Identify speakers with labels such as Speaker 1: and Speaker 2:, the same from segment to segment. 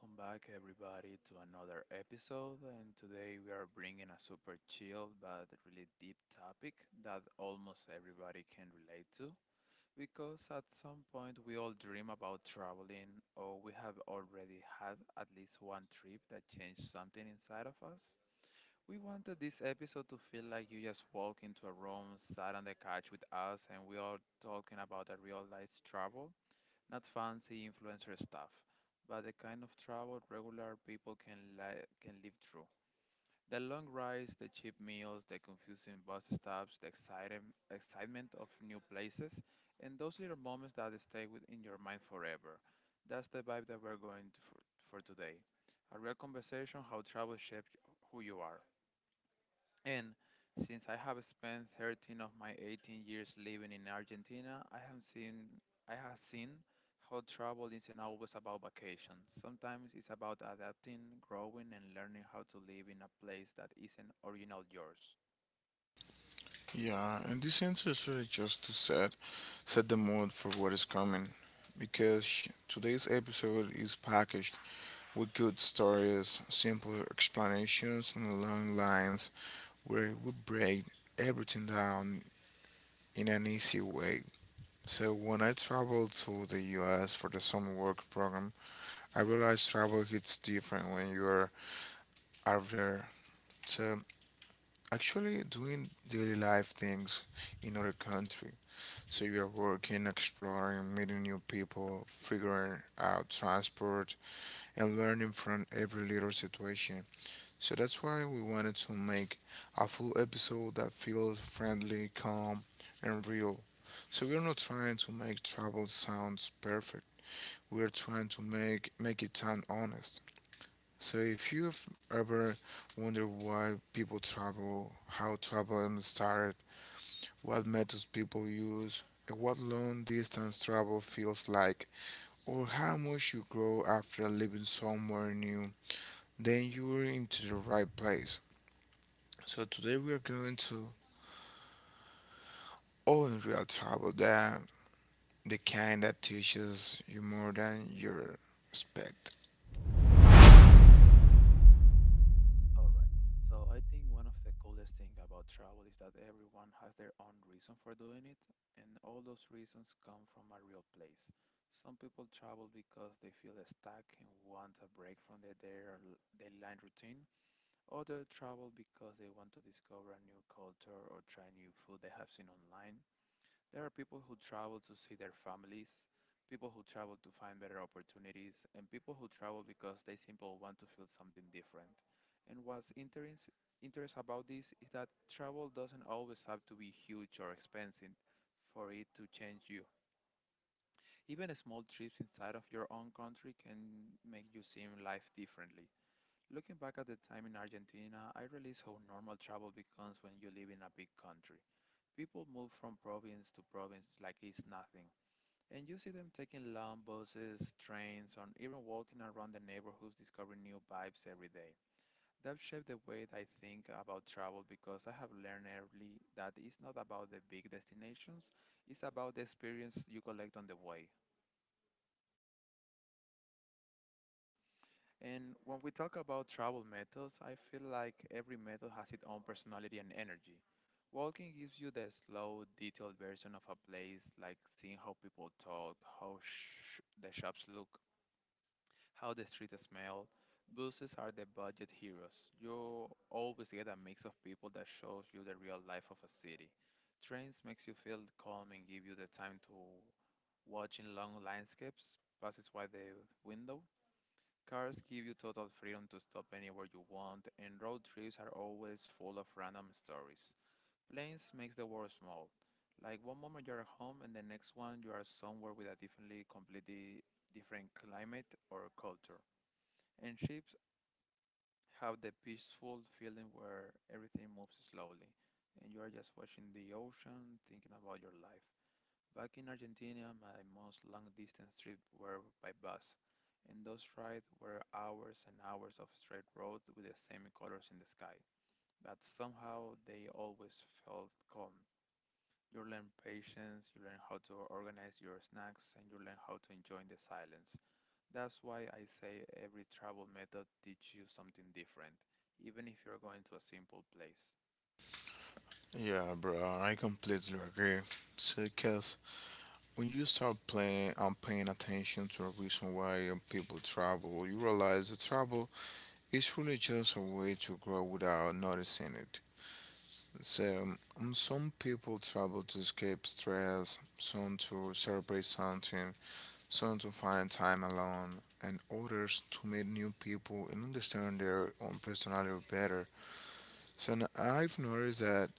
Speaker 1: Welcome back, everybody, to another episode. And today we are bringing a super chill but really deep topic that almost everybody can relate to. Because at some point we all dream about traveling, or we have already had at least one trip that changed something inside of us. We wanted this episode to feel like you just walk into a room, sat on the couch with us, and we are talking about a real life travel, not fancy influencer stuff, but the kind of travel regular people can, can live through. The long rides, the cheap meals, the confusing bus stops, the excitement of new places, and those little moments that stay in your mind forever. That's the vibe that we're going to for today. A real conversation how travel shapes who you are. And since I have spent 13 of my 18 years living in Argentina, I have seen how travel isn't always about vacations. Sometimes it's about adapting, growing, and learning how to live in a place that isn't original yours.
Speaker 2: Yeah, and this answer is really just to set the mood for what is coming, because today's episode is packaged with good stories, simple explanations, and long lines where we break everything down in an easy way. So when I traveled to the U.S. for the summer work program, I realized travel hits different when you're out there. So actually doing daily life things in other country. So you're working, exploring, meeting new people, figuring out transport, and learning from every little situation. So that's why we wanted to make a full episode that feels friendly, calm, and real. So we're not trying to make travel sounds perfect. We're trying to make it sound honest. So if you've ever wondered why people travel, how travel started, what methods people use, and what long distance travel feels like, or how much you grow after living somewhere new, then you're into the right place. So today we are going to all in real travel, the kind that teaches you more than you expect.
Speaker 1: All right. So I think one of the coolest thing about travel is that everyone has their own reason for doing it, and all those reasons come from a real place. Some people travel because they feel stuck and want a break from their daily routine. Others travel because they want to discover a new culture or try new food they have seen online. There are people who travel to see their families, people who travel to find better opportunities, and people who travel because they simply want to feel something different. And interest about this is that travel doesn't always have to be huge or expensive for it to change you. Even small trips inside of your own country can make you see life differently. Looking back at the time in Argentina, I realized how normal travel becomes when you live in a big country. People move from province to province like it's nothing. And you see them taking long buses, trains, or even walking around the neighborhoods discovering new vibes every day. That shaped the way I think about travel because I have learned early that it's not about the big destinations, it's about the experience you collect on the way. And when we talk about travel methods, I feel like every method has its own personality and energy. Walking gives you the slow, detailed version of a place, like seeing how people talk, how the shops look, how the street smell. Buses are the budget heroes. You always get a mix of people that shows you the real life of a city. Trains makes you feel calm and give you the time to watch in long landscapes passes by the window. Cars give you total freedom to stop anywhere you want, and road trips are always full of random stories. Planes makes the world small. Like one moment you're at home, and the next one you are somewhere with a completely different climate or culture. And ships have the peaceful feeling where everything moves slowly and you are just watching the ocean, thinking about your life. Back in Argentina, my most long distance trips were by bus, and those rides were hours and hours of straight road with the same colors in the sky. But somehow they always felt calm. You learn patience, you learn how to organize your snacks, and you learn how to enjoy the silence. That's why I say every travel method teaches you something different, even if you're going to a simple place.
Speaker 2: Yeah, bro, I completely agree. Because when you start playing and paying attention to a reason why people travel, you realize that travel, it's really just a way to grow without noticing it. So, some people travel to escape stress, some to celebrate something, some to find time alone, and others to meet new people and understand their own personality better. So, I've noticed that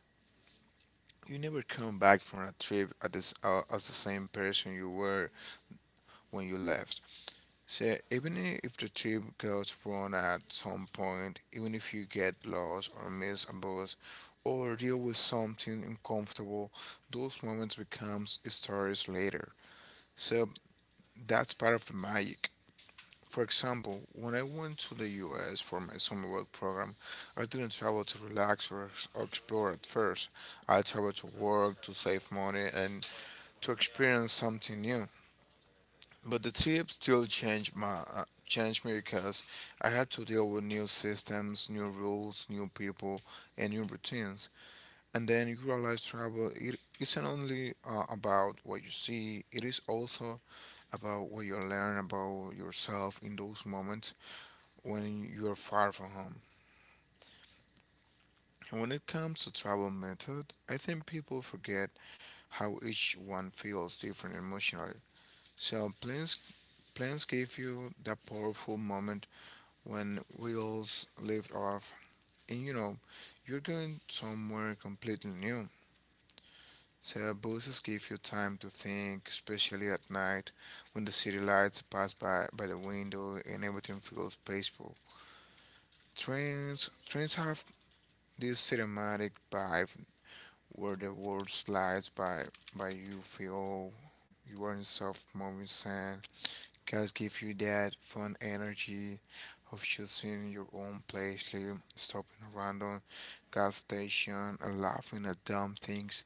Speaker 2: you never come back from a trip at as the same person you were when you left. So even if the trip goes wrong at some point, even if you get lost or miss a bus or deal with something uncomfortable, those moments becomes stories later. So that's part of the magic. For example, when I went to the U.S. for my summer work program, I didn't travel to relax or explore at first. I traveled to work, to save money, and to experience something new. But the trip still changed my changed me because I had to deal with new systems, new rules, new people, and new routines. And then you realize travel it isn't only about what you see; it is also about what you learn about yourself in those moments when you are far from home. And when it comes to travel method, I think people forget how each one feels different emotionally. So plans give you that powerful moment when wheels lift off and you know you're going somewhere completely new. So buses give you time to think, especially at night when the city lights pass by the window and everything feels peaceful. Trains have this cinematic vibe where the world slides by you feel you are in soft moving sand. Podcast give you that fun energy of choosing your own place, like stopping a random gas station and laughing at dumb things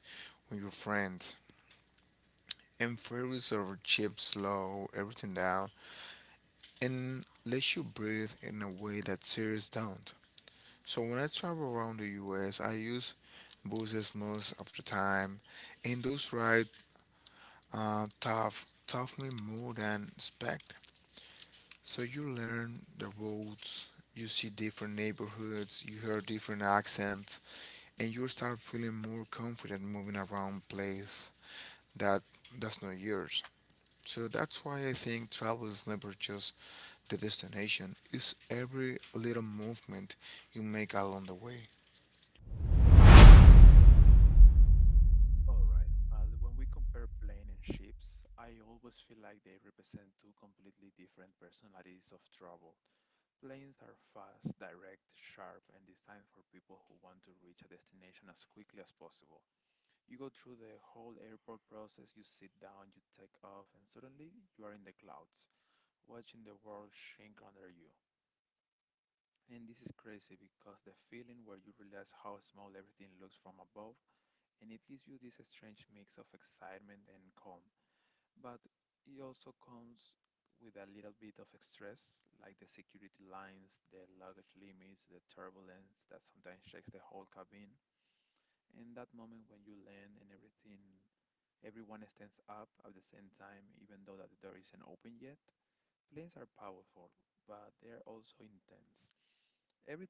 Speaker 2: with your friends. And fairies are cheap, slow, everything down, and lets you breathe in a way that series don't. So when I travel around the U.S., I use buses most of the time, and those rides tough me more than expect. So you learn the roads, you see different neighborhoods, you hear different accents, and you start feeling more confident moving around place that that's not yours. So that's why I think travel is never just the destination, it's every little movement you make along the way.
Speaker 1: All right, but when we compare plane and ships, I always feel like they represent two completely different personalities of travel. Planes are fast, direct, sharp, and designed for people who want to reach a destination as quickly as possible. You go through the whole airport process, you sit down, you take off, and suddenly you are in the clouds, watching the world shrink under you. And this is crazy because the feeling where you realize how small everything looks from above, and it gives you this strange mix of excitement and calm. But it also comes with a little bit of stress, like the security lines, the luggage limits, the turbulence that sometimes shakes the whole cabin. And that moment when you land and everything everyone stands up at the same time, even though that the door isn't open yet. Planes are powerful, but they are also intense.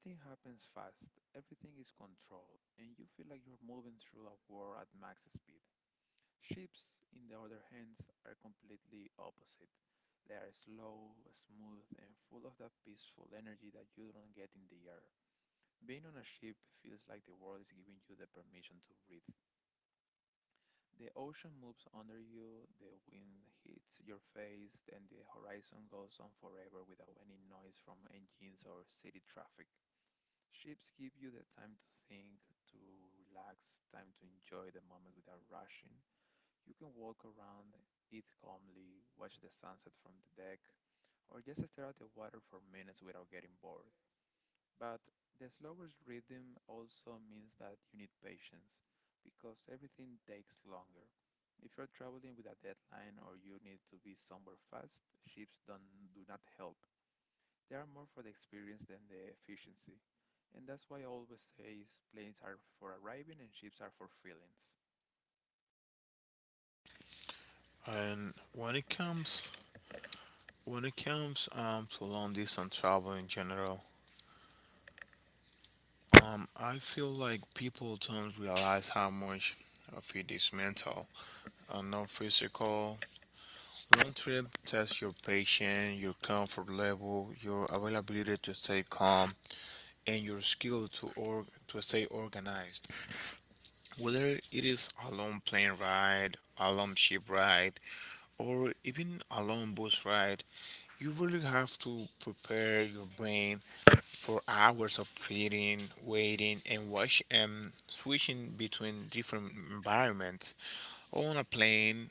Speaker 1: Everything happens fast, everything is controlled, and you feel like you are moving through a world at max speed. Ships, in the other hand, are completely opposite. They are slow, smooth, and full of that peaceful energy that you don't get in the air. Being on a ship feels like the world is giving you the permission to breathe. The ocean moves under you, the wind hits your face, and the horizon goes on forever without any noise from engines or city traffic. Ships give you the time to think, to relax, time to enjoy the moment without rushing. You can walk around, eat calmly, watch the sunset from the deck, or just stare at the water for minutes without getting bored. But the slower rhythm also means that you need patience because everything takes longer. If you're traveling with a deadline or you need to be somewhere fast, ships don't do not help. They are more for the experience than the efficiency. And that's why I always say is planes are for arriving and ships are for feelings.
Speaker 2: And when it comes to long distance travel in general, I feel like people don't realize how much of it is mental. A non physical long trip tests your patience, your comfort level, your availability to stay calm, and your skill to stay organized. Whether it is a long plane ride, a long ship ride, or even a long bus ride, you really have to prepare your brain for hours of reading, waiting, and watch and switching between different environments. On a plane,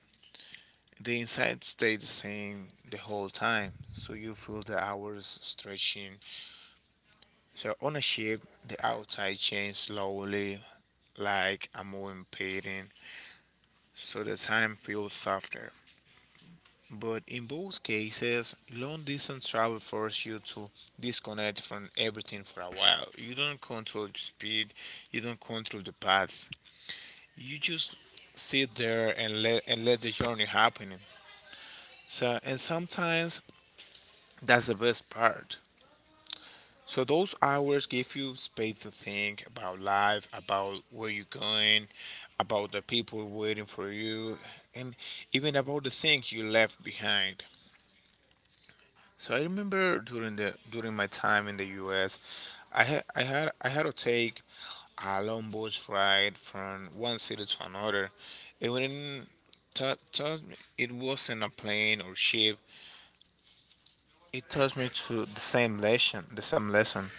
Speaker 2: the inside stay the same the whole time, so you feel the hours stretching. So on a ship, the outside changes slowly, like a moving painting, so the time feels softer. But in both cases, long distance travel forces you to disconnect from everything for a while. You don't control the speed, you don't control the path. You just sit there and let the journey happen. So and sometimes that's the best part. So those hours give you space to think about life, about where you're going, about the people waiting for you, and even about the things you left behind. So I remember during my time in the U.S., I had to take a long bus ride from one city to another. It wouldn't taught, taught me it wasn't a plane or ship. It taught me to the same lesson, the same lesson.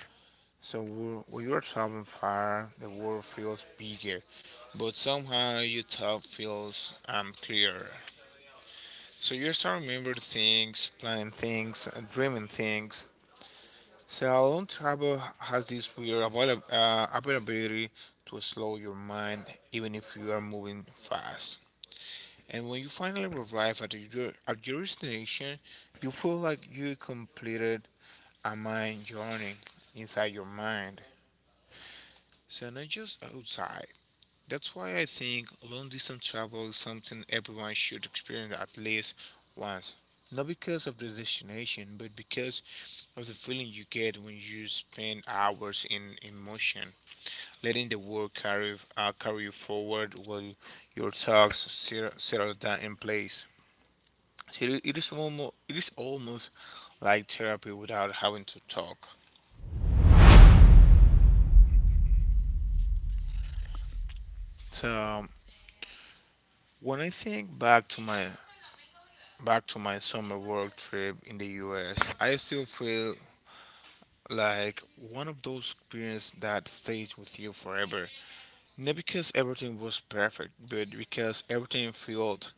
Speaker 2: So when you're traveling far, the world feels bigger, but somehow your thought feels clearer. So you start remembering things, planning things, and dreaming things. So long travel has this weird availability to slow your mind, even if you are moving fast. And when you finally arrive at your destination, you feel like you completed a mind journey inside your mind. So not just outside. That's why I think long distance travel is something everyone should experience at least once. Not because of the destination, but because of the feeling you get when you spend hours in motion, letting the world carry you forward while your thoughts settle down in place. So it is almost like therapy without having to talk. So when I think back to my summer work trip in the U.S., I still feel like one of those experiences that stays with you forever. Not because everything was perfect, but because everything felt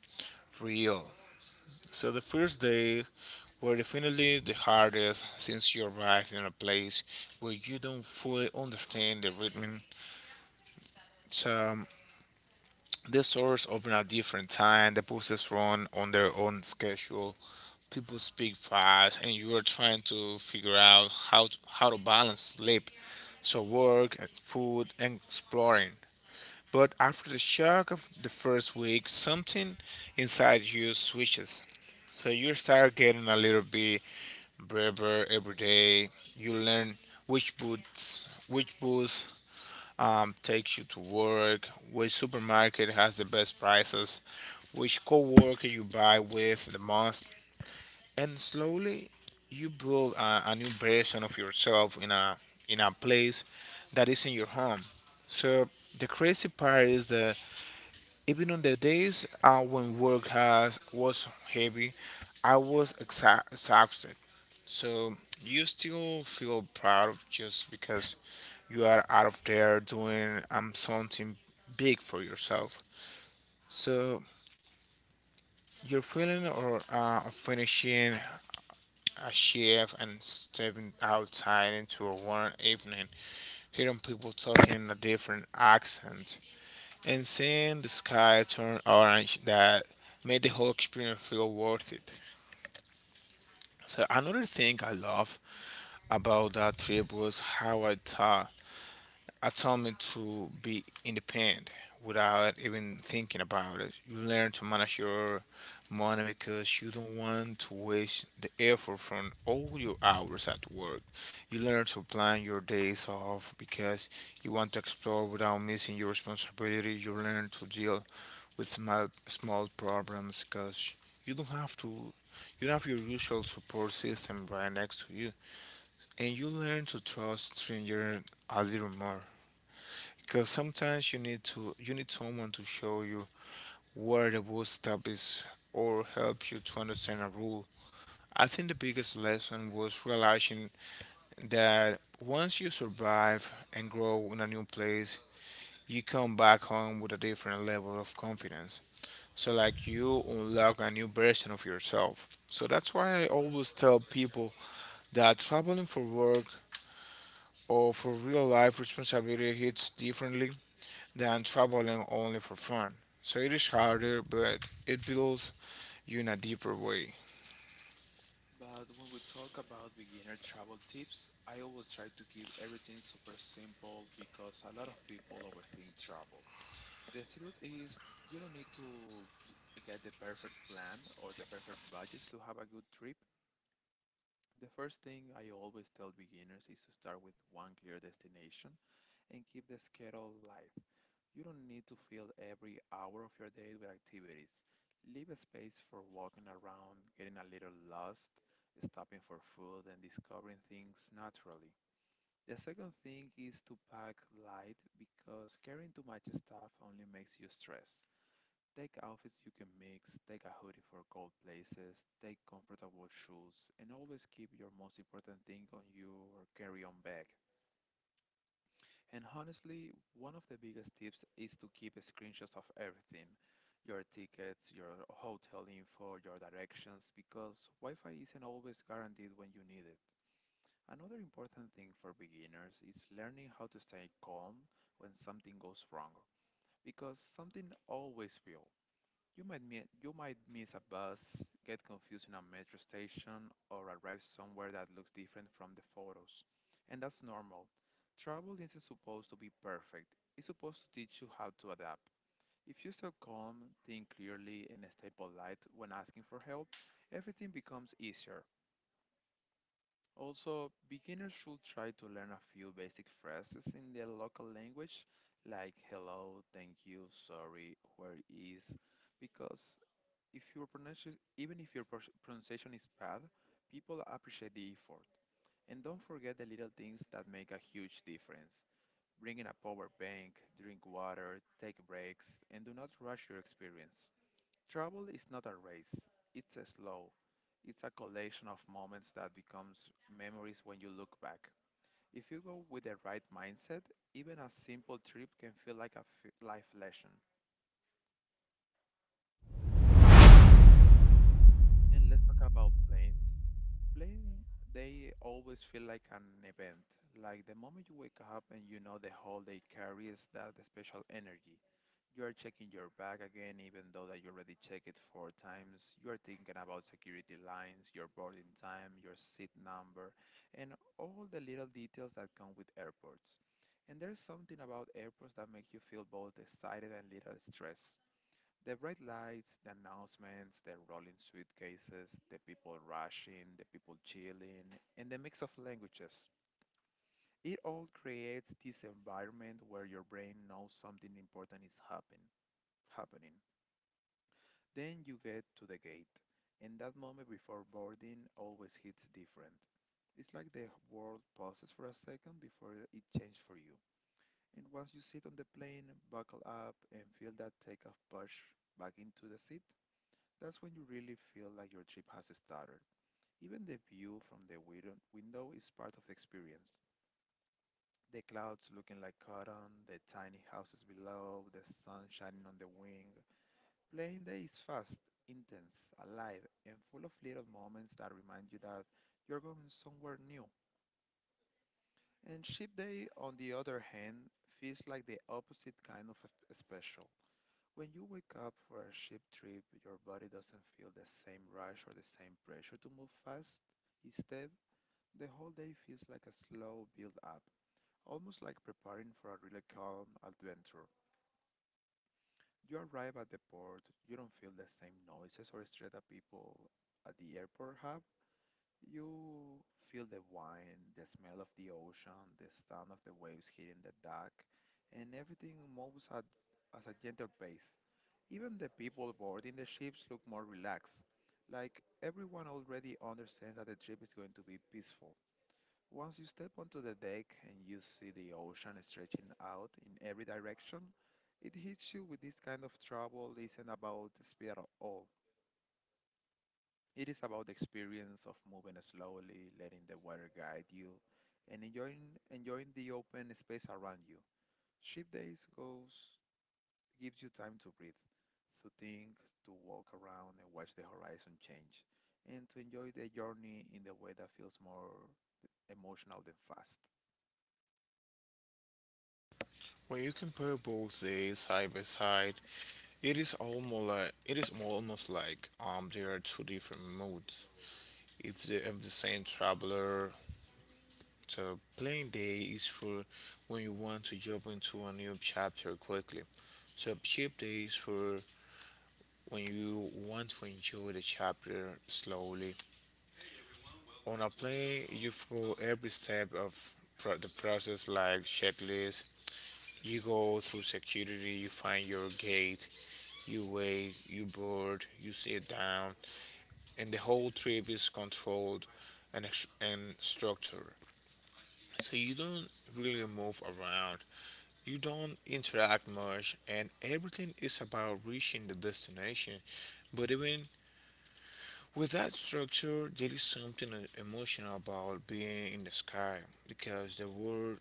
Speaker 2: real. So the first day were definitely the hardest since you arrived in a place where you don't fully understand the rhythm. So the stores open at different time, the buses run on their own schedule, people speak fast and you are trying to figure out how to balance sleep so work, food, and exploring. But after the shock of the first week, something inside you switches. So you start getting a little bit braver every day. You learn which booths takes you to work, which supermarket has the best prices, which coworker you buy with the most, and slowly you build a new version of yourself in a place that isn't your home. So the crazy part is that even on the days when work has was heavy, I was exhausted. So you still feel proud just because you are out of there doing something big for yourself. So your feeling or of finishing a shift and stepping outside into a warm evening, hearing people talking in a different accent, and seeing the sky turn orange that made the whole experience feel worth it. So another thing I love about that trip was how I taught me to be independent without even thinking about it. You learn to manage your money because you don't want to waste the effort from all your hours at work. You learn to plan your days off because you want to explore without missing your responsibility. You learn to deal with small problems because you don't have to you don't have your usual support system right next to you, and you learn to trust strangers a little more because sometimes you need someone to show you where the boot stop is or help you to understand a rule. I think the biggest lesson was realizing that once you survive and grow in a new place, you come back home with a different level of confidence. So, like, you unlock a new version of yourself. So, that's why I always tell people that traveling for work or for real life responsibility hits differently than traveling only for fun. So, it is harder, but it builds you in a deeper way.
Speaker 1: But when we talk about beginner travel tips, I always try to keep everything super simple because a lot of people overthink travel. The truth is, you don't need to get the perfect plan or the perfect budgets to have a good trip. The first thing I always tell beginners is to start with one clear destination and keep the schedule light. You don't need to fill every hour of your day with activities. Leave a space for walking around, getting a little lost, stopping for food, and discovering things naturally. The second thing is to pack light because carrying too much stuff only makes you stress. Take outfits you can mix, take a hoodie for cold places, take comfortable shoes, and always keep your most important thing on your carry on bag. And honestly, one of the biggest tips is to keep screenshots of everything, your tickets, your hotel info, your directions, because Wi Fi isn't always guaranteed when you need it. Another important thing for beginners is learning how to stay calm when something goes wrong, because something always will. You might you might miss a bus, get confused in a metro station, or arrive somewhere that looks different from the photos. And that's normal. Travel isn't supposed to be perfect. It's supposed to teach you how to adapt. If you stay calm, think clearly, and stay polite when asking for help, everything becomes easier. Also, beginners should try to learn a few basic phrases in their local language, like hello, thank you, sorry, where is, because if your pronunciation, even if your pronunciation is bad, people appreciate the effort. And don't forget the little things that make a huge difference. Bring in a power bank, drink water, take breaks, and do not rush your experience. Travel is not a race, it's a slow. It's a collection of moments that becomes memories when you look back. If you go with the right mindset, even a simple trip can feel like a life lesson. And let's talk about planes. Planes, they always feel like an event. Like the moment you wake up and you know the whole day carries that special energy. You are checking your bag again, even though that you already checked it four times. You are thinking about security lines, your boarding time, your seat number, and all the little details that come with airports. And there's something about airports that makes you feel both excited and little stressed. The bright lights, the announcements, the rolling suitcases, the people rushing, the people chilling, and the mix of languages. It all creates this environment where your brain knows something important happening. Then you get to the gate, and that moment before boarding always hits different. It's like the world pauses for a second before it changes for you. And once you sit on the plane, buckle up, and feel that takeoff push back into the seat, that's when you really feel like your trip has started. Even the view from the window is part of the experience. The clouds looking like cotton, the tiny houses below, the sun shining on the wing. Playing day is fast, intense, alive, and full of little moments that remind you that you're going somewhere new. And ship day, on the other hand, feels like the opposite kind of special. When you wake up for a ship trip, your body doesn't feel the same rush or the same pressure to move fast. Instead, the whole day feels like a slow build up, almost like preparing for a really calm adventure. You arrive at the port, you don't feel the same noises or stress that people at the airport have. You feel the wind, the smell of the ocean, the sound of the waves hitting the dock, and everything moves at a gentle pace. Even the people boarding the ships look more relaxed, like everyone already understands that the trip is going to be peaceful. Once you step onto the deck and you see the ocean stretching out in every direction, it hits you with this kind of trouble isn't about the speed at all. It is about the experience of moving slowly, letting the water guide you, and enjoying the open space around you. Ship days goes gives you time to breathe, to think, to walk around and watch the horizon change, and to enjoy the journey in the way that feels more emotional than fast.
Speaker 2: When you compare both days side by side, it is almost like it is almost like there are two different moods. If the of the same traveler. So, playing day is for when you want to jump into a new chapter quickly. So, cheap day is for when you want to enjoy the chapter slowly. On a plane, you follow every step of the process, like checklist. You go through security, you find your gate, you wait, you board, you sit down, and the whole trip is controlled and structured. So you don't really move around. You don't interact much, and everything is about reaching the destination. But even with that structure, there is something emotional about being in the sky because the world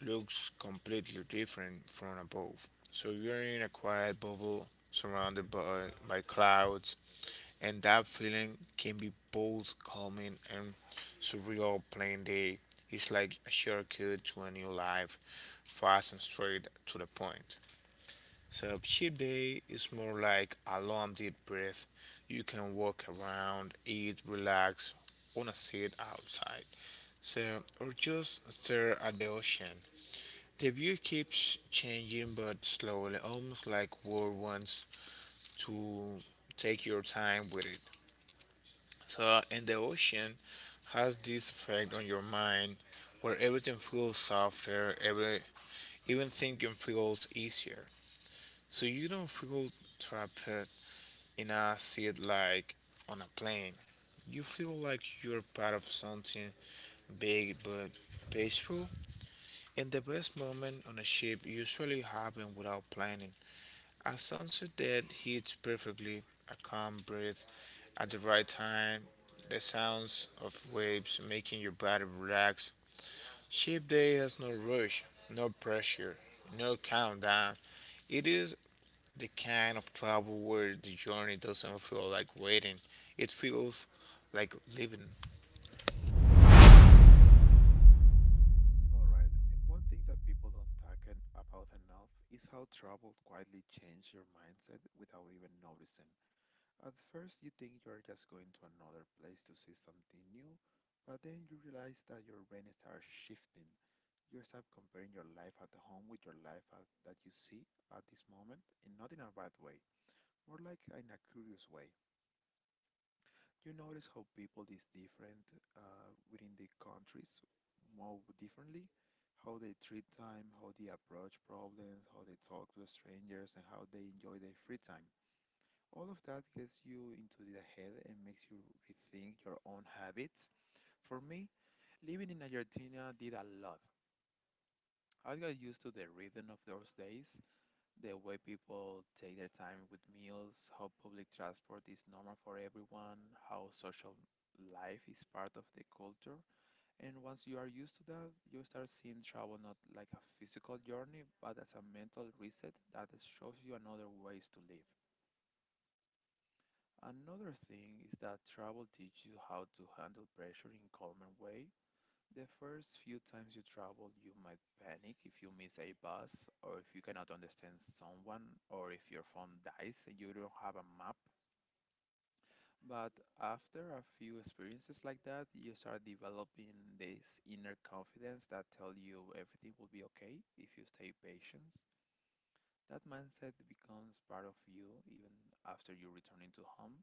Speaker 2: looks completely different from above. So you're in a quiet bubble surrounded by clouds, and that feeling can be both calming and surreal. Plain day, it's like a shortcut to a new life, fast and straight to the point. So cheat day is more like a long, deep breath. You can walk around, eat, relax on a seat outside. So or just stare at the ocean. The view keeps changing but slowly, almost like world wants to take your time with it. So and the ocean has this effect on your mind where everything feels softer, every even thinking feels easier. So you don't feel trapped and I see it like on a plane. You feel like you're part of something big but peaceful, and the best moment on a ship usually happen without planning. A sunset that hits perfectly, a calm breeze at the right time, the sounds of waves making your body relax. Ship day has no rush, no pressure, no countdown. It is the kind of travel where the journey doesn't feel like waiting, it feels like living.
Speaker 1: All right, and one thing that people don't about enough is how travel quietly changes your mindset without even noticing. At first, you think you are just going to another place to see something new, but then you realize that your brain starts shifting. You start comparing your life at home with your life that you see at this moment, and not in a bad way, more like in a curious way. You notice how people is different within the countries, more differently, how they treat time, how they approach problems, how they talk to strangers, and how they enjoy their free time. All of that gets you into the head and makes you rethink your own habits. For me, living in Argentina did a lot. I got used to the rhythm of those days, the way people take their time with meals, how public transport is normal for everyone, how social life is part of the culture. And once you are used to that, you start seeing travel not like a physical journey, but as a mental reset that shows you another ways to live. Another thing is that travel teaches you how to handle pressure in calmer way. The first few times you travel, you might panic if you miss a bus, or if you cannot understand someone, or if your phone dies and you don't have a map. But after a few experiences like that, you start developing this inner confidence that tell you everything will be okay if you stay patient. That mindset becomes part of you even after you returning to home.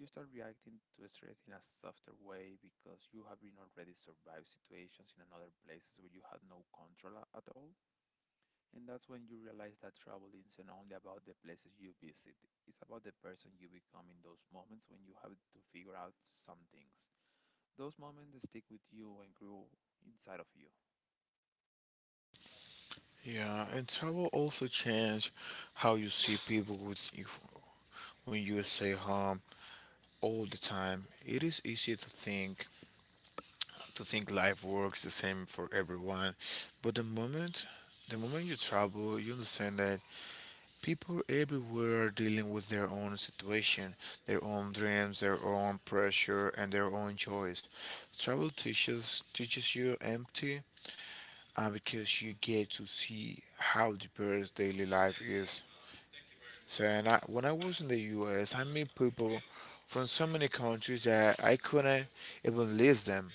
Speaker 1: You start reacting to stress in a softer way because you have been already survived situations in another places where you had no control at all. And that's when you realize that travel isn't only about the places you visit, it's about the person you become in those moments when you have to figure out some things. Those moments stick with you and grow inside of you.
Speaker 2: Yeah, and travel also change how you see people with if when you stay home all the time. It is easy to think life works the same for everyone, but the moment you travel, you understand that people everywhere are dealing with their own situation, their own dreams, their own pressure, and their own choice. Travel teaches you empty, because you get to see how diverse daily life is. So, and I, when I was in the U.S., I met people from so many countries that I couldn't even list them.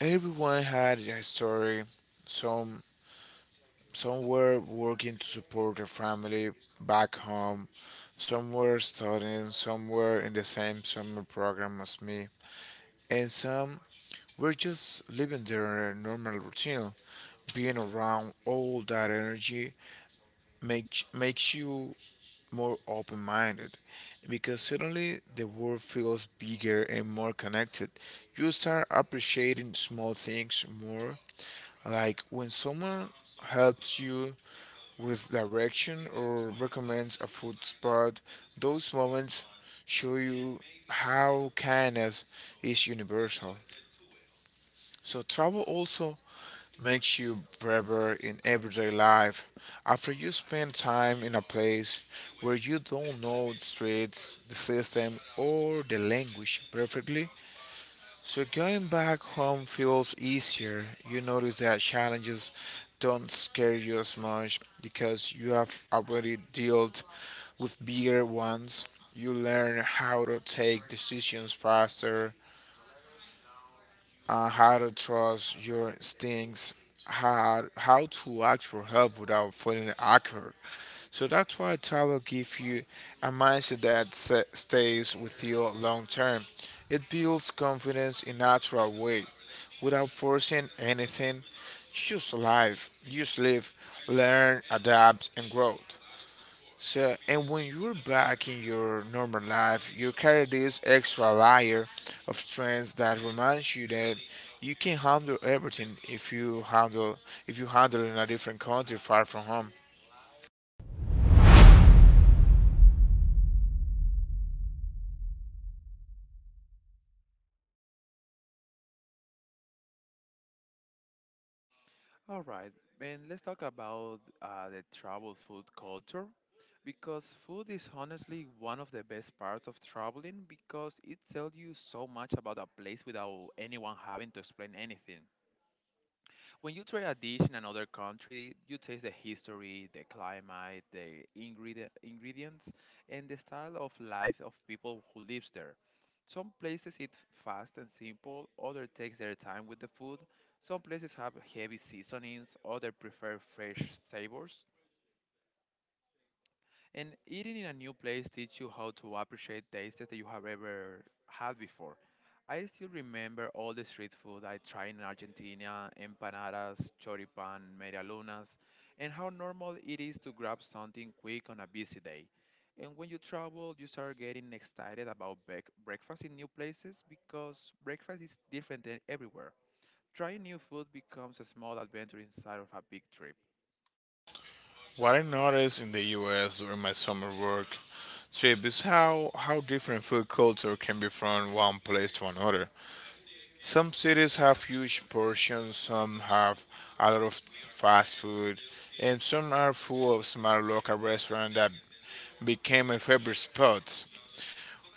Speaker 2: Everyone had a story, some Some were working to support their family back home. Some were studying. Some were in the same summer program as me. And some were just living their normal routine. Being around all that energy makes you more open minded because suddenly the world feels bigger and more connected. You start appreciating small things more, like when someone helps you with direction or recommends a food spot. Those moments show you how kindness is universal. So travel also makes you braver in everyday life. After you spend time in a place where you don't know the streets, the system, or the language perfectly, so going back home feels easier. You notice that challenges don't scare you as much because you have already dealt with bigger ones, you learn how to take decisions faster, how to trust your instincts, how to ask for help without feeling awkward. So that's why travel gives you a mindset that stays with you long term. It builds confidence in natural way, without forcing anything. Just live, learn, adapt, and grow. So, and when you're back in your normal life, you carry this extra layer of strength that reminds you that you can handle everything if you handle in a different country far from home.
Speaker 1: All right, and let's talk about the travel food culture because food is honestly one of the best parts of traveling because it tells you so much about a place without anyone having to explain anything. When you try a dish in another country, you taste the history, the climate, ingredients, and the style of life of people who lives there. Some places eat fast and simple, others take their time with the food. Some places have heavy seasonings, others prefer fresh savors. And eating in a new place teach you how to appreciate tastes that you have ever had before. I still remember all the street food I tried in Argentina, empanadas, choripan, medialunas, and how normal it is to grab something quick on a busy day. And when you travel, you start getting excited about breakfast in new places because breakfast is different than everywhere. Trying new food becomes a small adventure inside of a big trip.
Speaker 2: What I noticed in the US during my summer work trip is how different food culture can be from one place to another. Some cities have huge portions, some have a lot of fast food, and some are full of small local restaurants that became a favorite spot.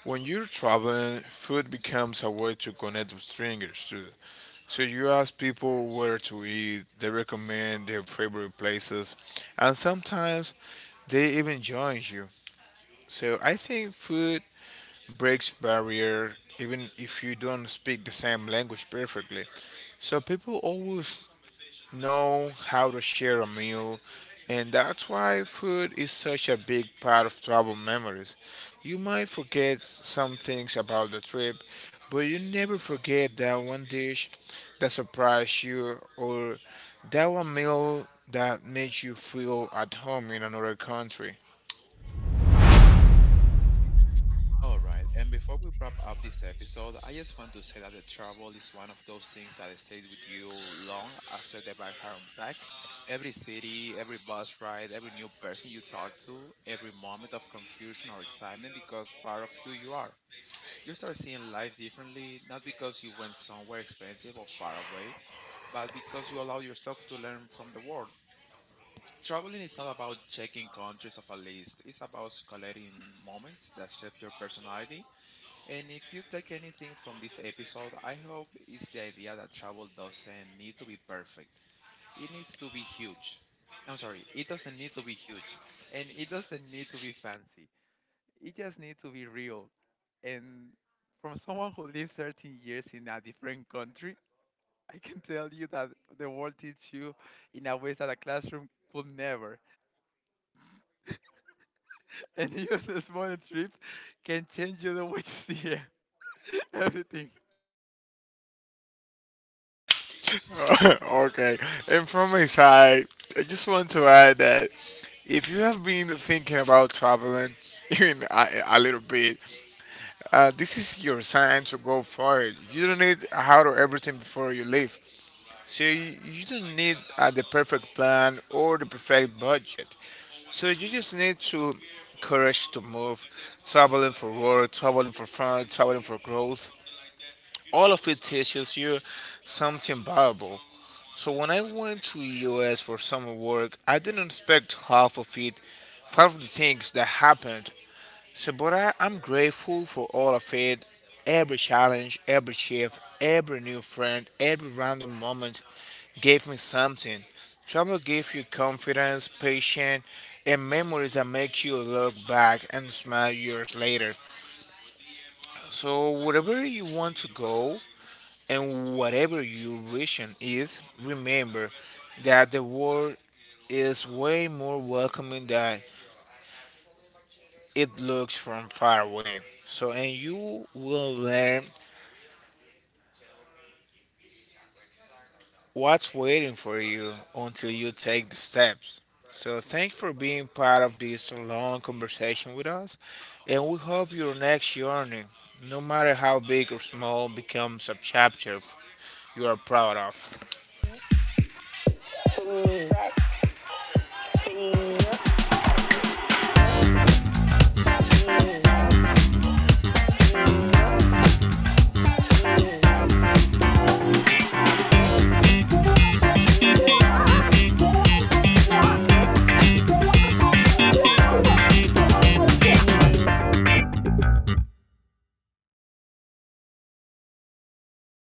Speaker 2: When you're traveling, food becomes a way to connect with strangers too. So you ask people where to eat, they recommend their favorite places, and sometimes they even join you. So I think food breaks barrier even if you don't speak the same language perfectly. So people always know how to share a meal, and that's why food is such a big part of travel memories. You might forget some things about the trip, but you never forget that one dish that surprised you or that one meal that made you feel at home in another country.
Speaker 1: All right, and before we wrap up this episode, I just want to say that the travel is one of those things that stays with you long after the bags are unpacked. Every city, every bus ride, every new person you talk to, every moment of confusion or excitement because part of who you are. You start seeing life differently, not because you went somewhere expensive or far away, but because you allow yourself to learn from the world. Traveling is not about checking countries off a list. It's about collecting moments that shape your personality, and if you take anything from this episode, I hope it's the idea that travel doesn't need to be perfect. It needs to be huge. I'm sorry, it doesn't need to be huge. And it doesn't need to be fancy. It just needs to be real. And from someone who lived 13 years in a different country, I can tell you that the world teaches you in a way that a classroom could never. And even a small trip can change you the way you see everything.
Speaker 2: Okay. And from my side, I just want to add that if you have been thinking about traveling, even a little bit, this is your sign to go for it. You don't need how to everything before you leave. So you don't need the perfect plan or the perfect budget. So you just need to courage to move, traveling for work, traveling for fun, traveling for growth. All of it teaches you something valuable. So when I went to US for summer work, I didn't expect half of it, half of the things that happened Sabora, I'm grateful for all of it. Every challenge, every shift, every new friend, every random moment gave me something. Travel gives you confidence, patience, and memories that make you look back and smile years later. So, wherever you want to go and whatever your vision is, remember that the world is way more welcoming than it looks from far away. So, and you will learn what's waiting for you until you take the steps? So, thanks for being part of this long conversation with us, and we hope your next journey, no matter how big or small, becomes a chapter you are proud of.